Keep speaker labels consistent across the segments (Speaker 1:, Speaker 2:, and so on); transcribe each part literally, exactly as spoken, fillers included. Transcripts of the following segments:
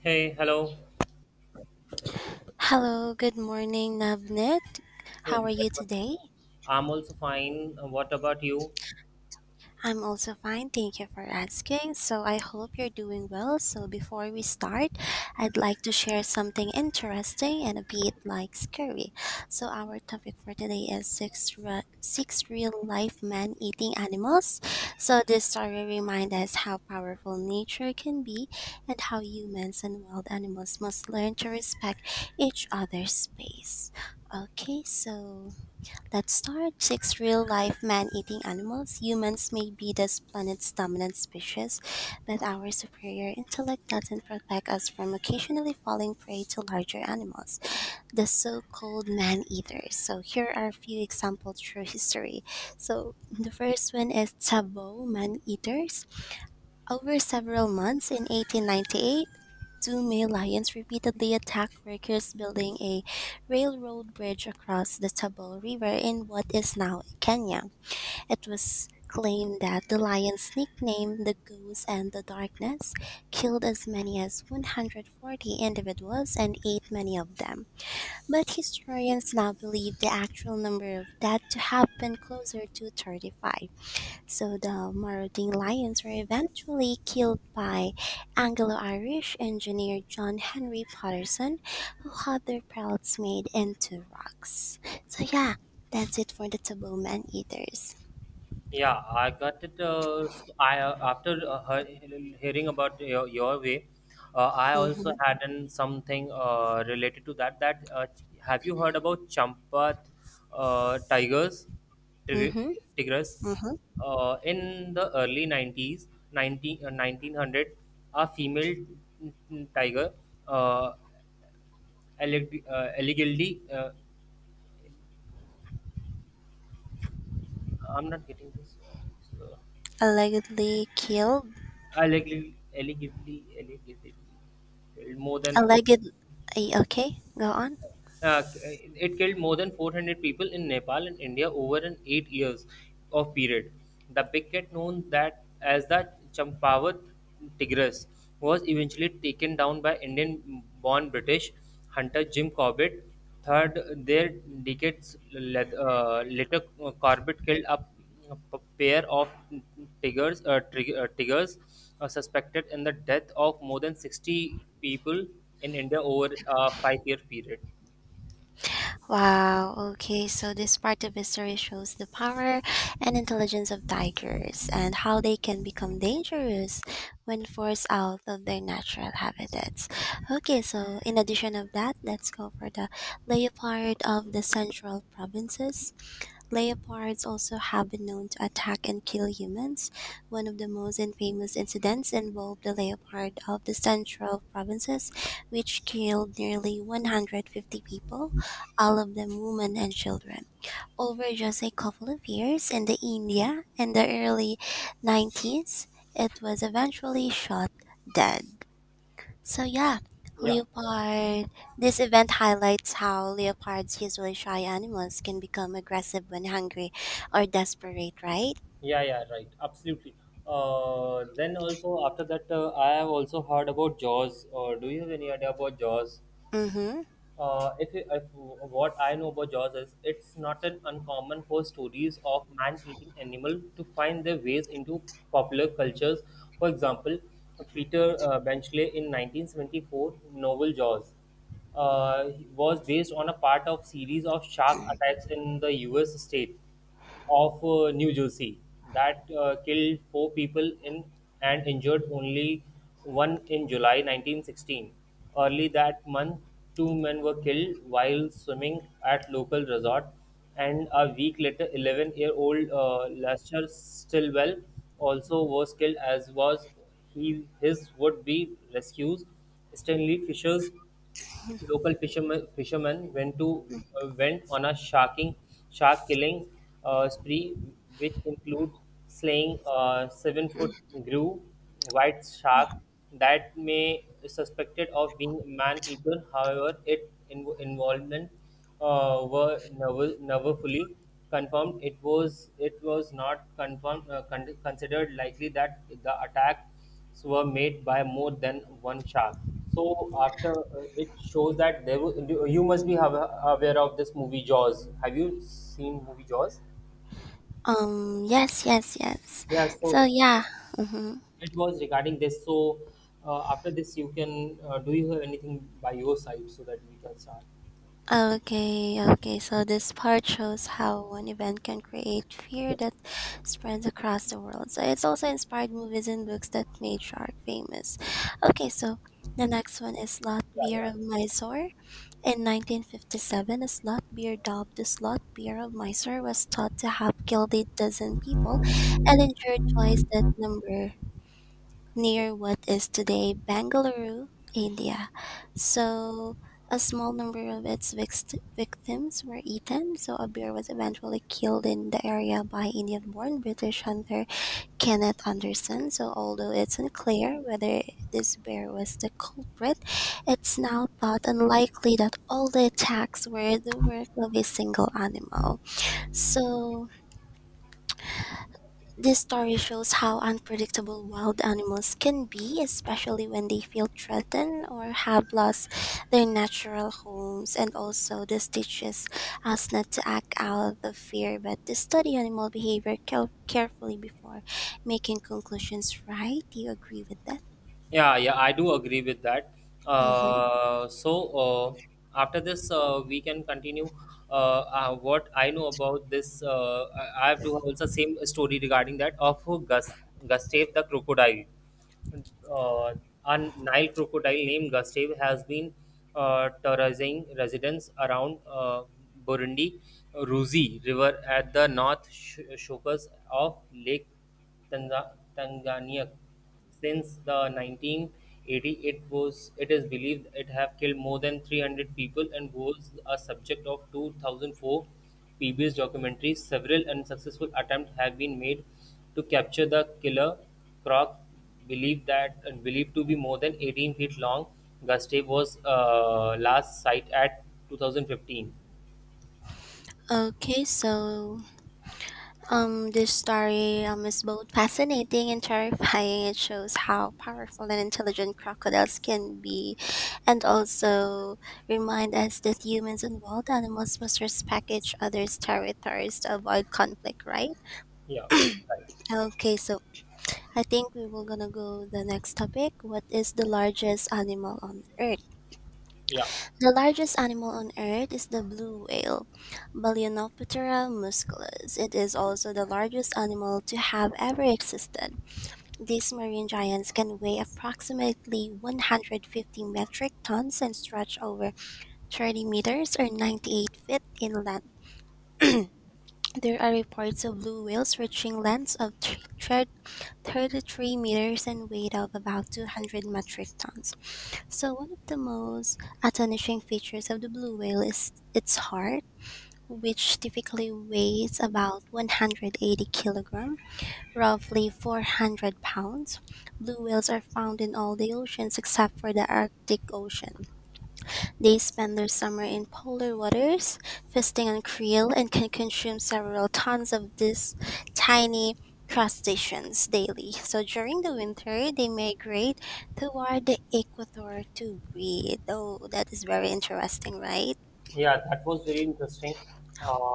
Speaker 1: Hey, hello.
Speaker 2: Hello, good morning, Navnit. How
Speaker 1: Oh,
Speaker 2: are you
Speaker 1: but-
Speaker 2: today?
Speaker 1: I'm also fine. Uh, What about you?
Speaker 2: I'm also fine, thank you for asking. So, I hope you're doing well. So, before we start, I'd like to share something interesting and a bit like scary. So, our topic for today is six, re- six real life man eating animals. So, this story reminds us how powerful nature can be and how humans and wild animals must learn to respect each other's space. Okay, so that starred six real life man eating animals, humans may be this planet's dominant species, but our superior intellect doesn't protect us from occasionally falling prey to larger animals, the so called man eaters. So, here are a few examples through history. So, the first one is Tabo man eaters over several months in eighteen ninety-eight, two male lions repeatedly attacked workers building a railroad bridge across the Tabo River in what is now Kenya. It was claimed that the lions, nicknamed the Goose and the Darkness, killed as many as one hundred forty individuals and ate many of them. But historians now believe the actual number of dead to have been closer to thirty-five. So the marauding lions were eventually killed by Anglo-Irish engineer John Henry Patterson, who had their pelts made into rocks. So yeah, that's it for the taboo man eaters.
Speaker 1: Yeah, I got it. Uh, s I uh, after uh, he- Hearing about your, your way, uh, I also
Speaker 2: Mhm,
Speaker 1: had an something uh, related to that. That uh, ch- have you heard about Champat uh, tigers, tig-
Speaker 2: mhm,
Speaker 1: tigers?
Speaker 2: mhm.
Speaker 1: Uh, in the early nineties, nineteen, uh, nineteen hundred, a female mm, mm, tiger, uh, alleg- uh, allegedly. Uh, I'm not getting this. Uh, So
Speaker 2: Allegedly killed.
Speaker 1: allegedly, allegedly, allegedly, more than
Speaker 2: Alleged. eh, Okay, go on.
Speaker 1: Uh, it killed more than four hundred people in Nepal and India over an eight years of period. The big cat known that as the Champawat tigress was eventually taken down by Indian-born British hunter Jim Corbett. Third, there decades let- uh, later, uh, Corbett killed a p- pair of tigers, uh, trig- uh, tigers uh, suspected in the death of more than sixty people in India over a five-year period.
Speaker 2: Wow, okay, so this part of history shows the power and intelligence of tigers and how they can become dangerous when forced out of their natural habitats. Okay, so in addition of that, let's go for the leopard of the central provinces. Leopards also have been known to attack and kill humans. One of the most infamous incidents involved the leopard of the central provinces, which killed nearly one hundred fifty people, all of them women and children, over just a couple of years in the India in the early nineties. It was eventually shot dead. So yeah,
Speaker 1: Yeah,
Speaker 2: leopard. This event highlights how leopards, usually shy animals, can become aggressive when hungry or desperate, right?
Speaker 1: yeah, yeah, right. Absolutely. Uh, then also after that, uh, I have also heard about Jaws. Or do you have any idea about Jaws?
Speaker 2: Mm-hmm.
Speaker 1: Uh, if, you- if what I know about Jaws is, it's not an uncommon for stories of man-eating animal to find their ways into popular cultures. For example, Peter uh, Benchley in nineteen seventy-four novel Jaws uh, was based on a part of series of shark attacks in the U S state. Of uh, New Jersey that uh, killed four people in and injured only one in July nineteen sixteen. Early that month, two men were killed while swimming at local resort, and a week later, eleven-year-old uh, Lester Stillwell also was killed, as was he his would-be rescues Stanley Fisher's. Local fishermen fishermen went to uh, went on a sharking shark killing uh, spree, which includes slaying a seven foot grew white shark that may suspected of being man eater. However, it in- involvement uh, were never, never fully confirmed. It was it was not confirmed uh, con- considered likely that the attacks were made by more than one shark. So after uh, it shows that there were, you you must be have, aware of this movie Jaws. Have you seen movie Jaws?
Speaker 2: Um. Yes. Yes. Yes.
Speaker 1: Yeah.
Speaker 2: So
Speaker 1: So
Speaker 2: yeah. Mm-hmm.
Speaker 1: it was regarding this. So uh, after this, you can uh, do you have anything by your side so that we can start?
Speaker 2: Okay. Okay. So this part shows how one event can create fear that spreads across the world. So it's also inspired movies and books that made shark famous. Okay. So the next one is Lot
Speaker 1: Yeah,
Speaker 2: Beer
Speaker 1: yeah.
Speaker 2: of Mysore. In nineteen fifty-seven, a slot beer dubbed the Slot Beer of Mysore was thought to have killed a dozen people and injured twice that number near what is today Bangalore, India. So, a small number of its vict- victims were eaten, so a bear was eventually killed in the area by Indian born British hunter Kenneth Anderson, so although it's unclear whether this bear was the culprit, it's now thought unlikely that all the attacks were the work of a single animal. So, this story shows how unpredictable wild animals can be, especially when they feel threatened or have lost their natural homes. And also, this teaches us not to act out of fear, but to study animal behavior care- carefully before making conclusions, right? Do you agree with that?
Speaker 1: Yeah, yeah, I do agree with that.
Speaker 2: Mm-hmm.
Speaker 1: Uh, so uh, After this, uh, we can continue. Uh, uh, what I know about this, uh, I I have to also same story regarding that of Gus Gustav the crocodile. uh, a Nile crocodile named Gustave has been uh, terrorizing residents around uh, Burundi Ruzi River at the north sh- shores of Lake Tanga- Tanganyika. Since the nineteen eighty, it was it is believed it have killed more than three hundred people and was a subject of two thousand four P B S documentaries. Several unsuccessful attempts have been made to capture the killer croc. Believed that believed to be more than eighteen feet long, Gustave was uh, last sight at two thousand fifteen.
Speaker 2: Okay, so Um, this story um, is both fascinating and terrifying. It shows how powerful and intelligent crocodiles can be, and also remind us that humans and wild animals must respect each other's territories to avoid conflict, right?
Speaker 1: Yeah, right.
Speaker 2: Okay, so I think we will gonna go the next topic. What is the largest animal on Earth?
Speaker 1: Yeah,
Speaker 2: The largest animal on Earth is the blue whale, Balaenoptera musculus. It is also the largest animal to have ever existed. These marine giants can weigh approximately one hundred fifty metric tons and stretch over thirty meters or ninety-eight feet in length. There are reports of blue whales reaching lengths of thr- thir- thirty-three meters and weight of about two hundred metric tons. So, one of the most astonishing features of the blue whale is its heart, which typically weighs about one hundred eighty kilograms roughly four hundred pounds. Blue whales are found in all the oceans except for the Arctic Ocean. They spend their summer in polar waters, feasting on krill, and can consume several tons of these tiny crustaceans daily. So during the winter, they migrate toward the equator to breed. Oh, that is very interesting, right?
Speaker 1: yeah. That was very interesting.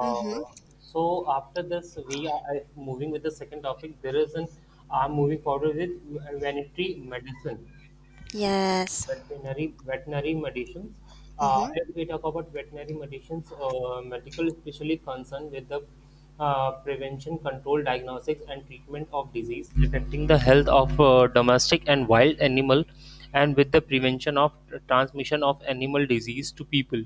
Speaker 2: Mm-hmm.
Speaker 1: so After this, we are uh, moving with the second topic. There is an I'm moving forward with vanity medicine.
Speaker 2: Yes.
Speaker 1: veterinary veterinary medicines. Uh,
Speaker 2: Mm-hmm.
Speaker 1: if we talk about veterinary medicines, uh, medical especially concerned with the uh, prevention, control, diagnostics, and treatment of disease affecting the health of uh, domestic and wild animal, and with the prevention of transmission of animal disease to people.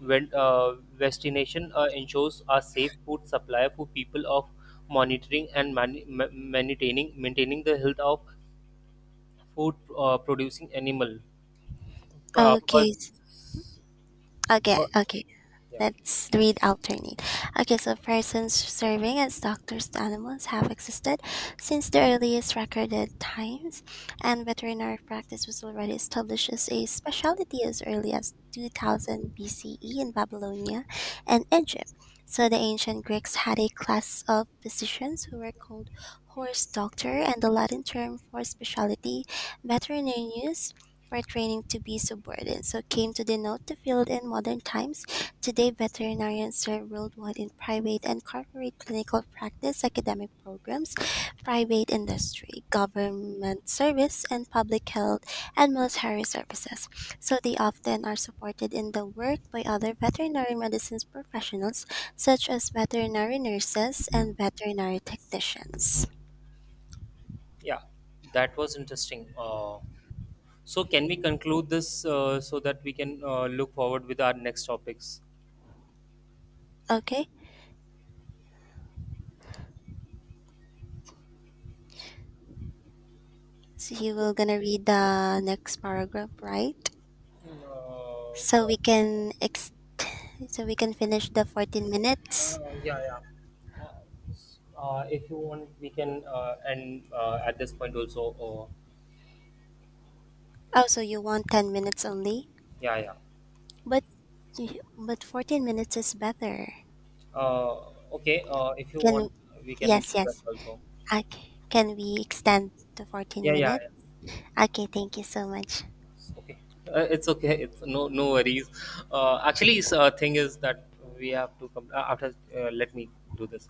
Speaker 1: When uh, Vaccination uh, ensures a safe food supply for people of monitoring and man- ma- maintaining maintaining the health of food uh, producing animal uh,
Speaker 2: Okay.
Speaker 1: was,
Speaker 2: s- Okay.
Speaker 1: wa-
Speaker 2: Okay.
Speaker 1: yeah,
Speaker 2: Let's read alternate. Okay, so persons serving as doctors to animals have existed since the earliest recorded times, and veterinary practice was already established as a specialty as early as two thousand B C E in Babylonia and Egypt. So the ancient Greeks had a class of physicians who were called horse doctor, and the Latin term for specialty, veterinarius, pertaining to be subordinate, so came to denote the field in modern times. Today, veterinarians serve worldwide in private and corporate clinical practice, academic programs, private industry, government service, and public health and military services. So, they often are supported in the work by other veterinary medicine professionals, such as veterinary nurses and veterinary technicians.
Speaker 1: yeah, that was interesting. Uh, so can we conclude this uh, so that we can uh, look forward with our next topics?
Speaker 2: Okay, so you will gonna read the next paragraph, right?
Speaker 1: Uh,
Speaker 2: So we can ex- so we can finish the fourteen minutes.
Speaker 1: uh, yeah, yeah. Uh, s- uh, if you want, we can uh, end uh, at this point also. Or
Speaker 2: Oh, so you want ten minutes only?
Speaker 1: yeah, yeah.
Speaker 2: But y- but fourteen minutes is better.
Speaker 1: Uh, okay. Uh, if you
Speaker 2: Can
Speaker 1: want, we can do
Speaker 2: yes,
Speaker 1: that
Speaker 2: yes.
Speaker 1: also.
Speaker 2: I c- can we extend to fourteen
Speaker 1: Yeah, yeah,
Speaker 2: minutes?
Speaker 1: yeah.
Speaker 2: Okay, thank you so much.
Speaker 1: Okay, uh, it's okay. It's no no worries. Uh, actually, s- uh, thing is that we have to come uh, after. Uh, let me do this.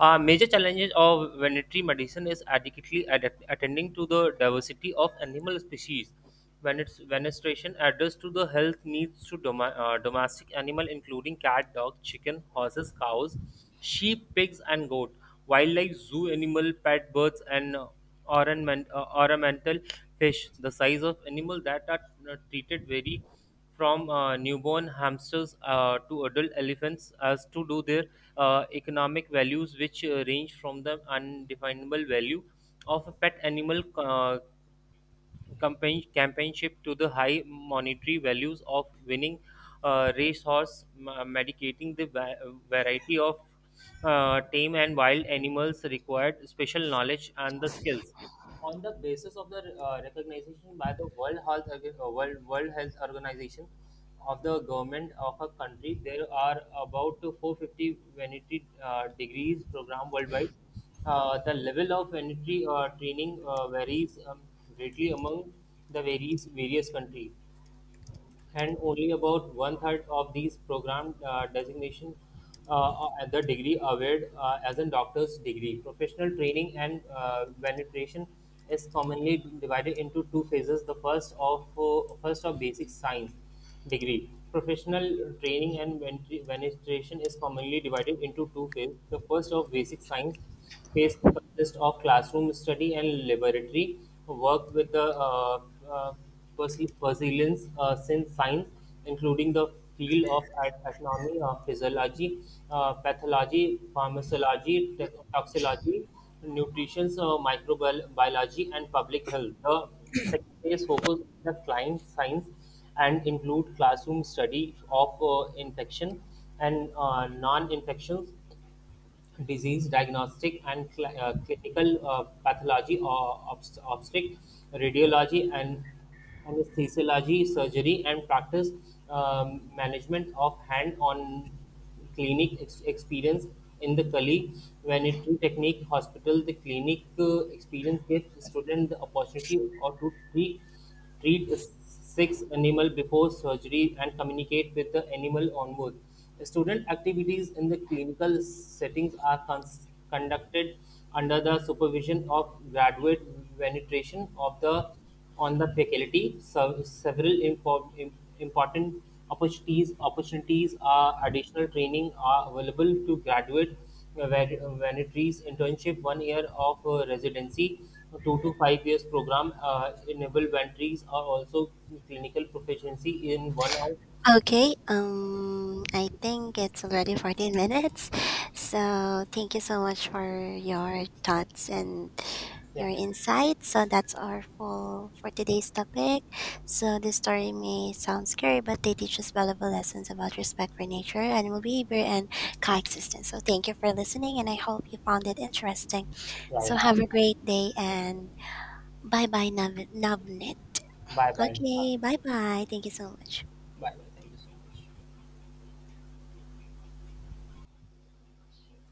Speaker 1: Uh, major challenges of veterinary medicine is adequately adapt- attending to the diversity of animal species. When its venestration address to the health needs to doma- uh, domestic animal, including cat, dog, chicken, horses, cows, sheep, pigs, and goat, wildlife, zoo animal, pet birds, and ornament, uh, ornamental fish, the size of animal that are uh, treated vary from uh, newborn hamsters uh, to adult elephants as to do their uh, economic values which uh, range from the undefinable value of a pet animal uh, compan- companionship to the high monetary values of winning uh, racehorse ma- medicating the va- variety of uh, tame and wild animals required special knowledge and the skills on the basis of the uh, recognition by the World Health Orga- uh, World World Health Organization of the government of a country, there are about four hundred fifty vanity uh, degrees program worldwide. Uh, the level of vanity uh, training uh, varies um, greatly among the various various countries and only about one third of these program uh, designation uh, uh, at the degree awarded uh, as a doctor's degree. Professional training and uh, validation is commonly divided into two phases. The first of uh, first of basic science degree. Professional training and validation is commonly divided into two phases. The first of basic science space consists of classroom study and laboratory work with the uh, uh, perse- perseverance uh, since science, including the field of at- anatomy, uh, physiology, uh, pathology, pharmacology, te- toxicology, nutrition, uh, microbiology, and public health. The second phase focus on the client science and include classroom study of uh, infection and uh, non-infections disease diagnostic and cl- uh, clinical uh, pathology or obst- obstetric radiology and anesthesiology surgery and practice um, management of hand-on clinic ex- experience in the Kali vanity technique hospital the clinic uh, experience gives student the opportunity or to treat treat six animal before surgery and communicate with the animal onward. Student activities in the clinical settings are cons- conducted under the supervision of graduate venetration of the on the faculty. So several impor- im- important opportunities opportunities are additional training are available to graduate where Vanitary's internship, one year of uh, residency, two to five years program uh, enable Vanitary's are also clinical proficiency in one hour.
Speaker 2: Okay, um, I think it's already fourteen minutes. So thank you so much for your thoughts and
Speaker 1: Yeah,
Speaker 2: your insights. So that's our full for today's topic. So this story may sound scary, but they teach us valuable lessons about respect for nature, animal behavior, and coexistence. So thank you for listening, and I hope you found it interesting.
Speaker 1: yeah,
Speaker 2: So
Speaker 1: yeah.
Speaker 2: have a great day, and bye bye, Nav- Navnit.
Speaker 1: Bye, bye, bye,
Speaker 2: Okay, bye bye. Thank you so much.
Speaker 1: bye. Thank you so much.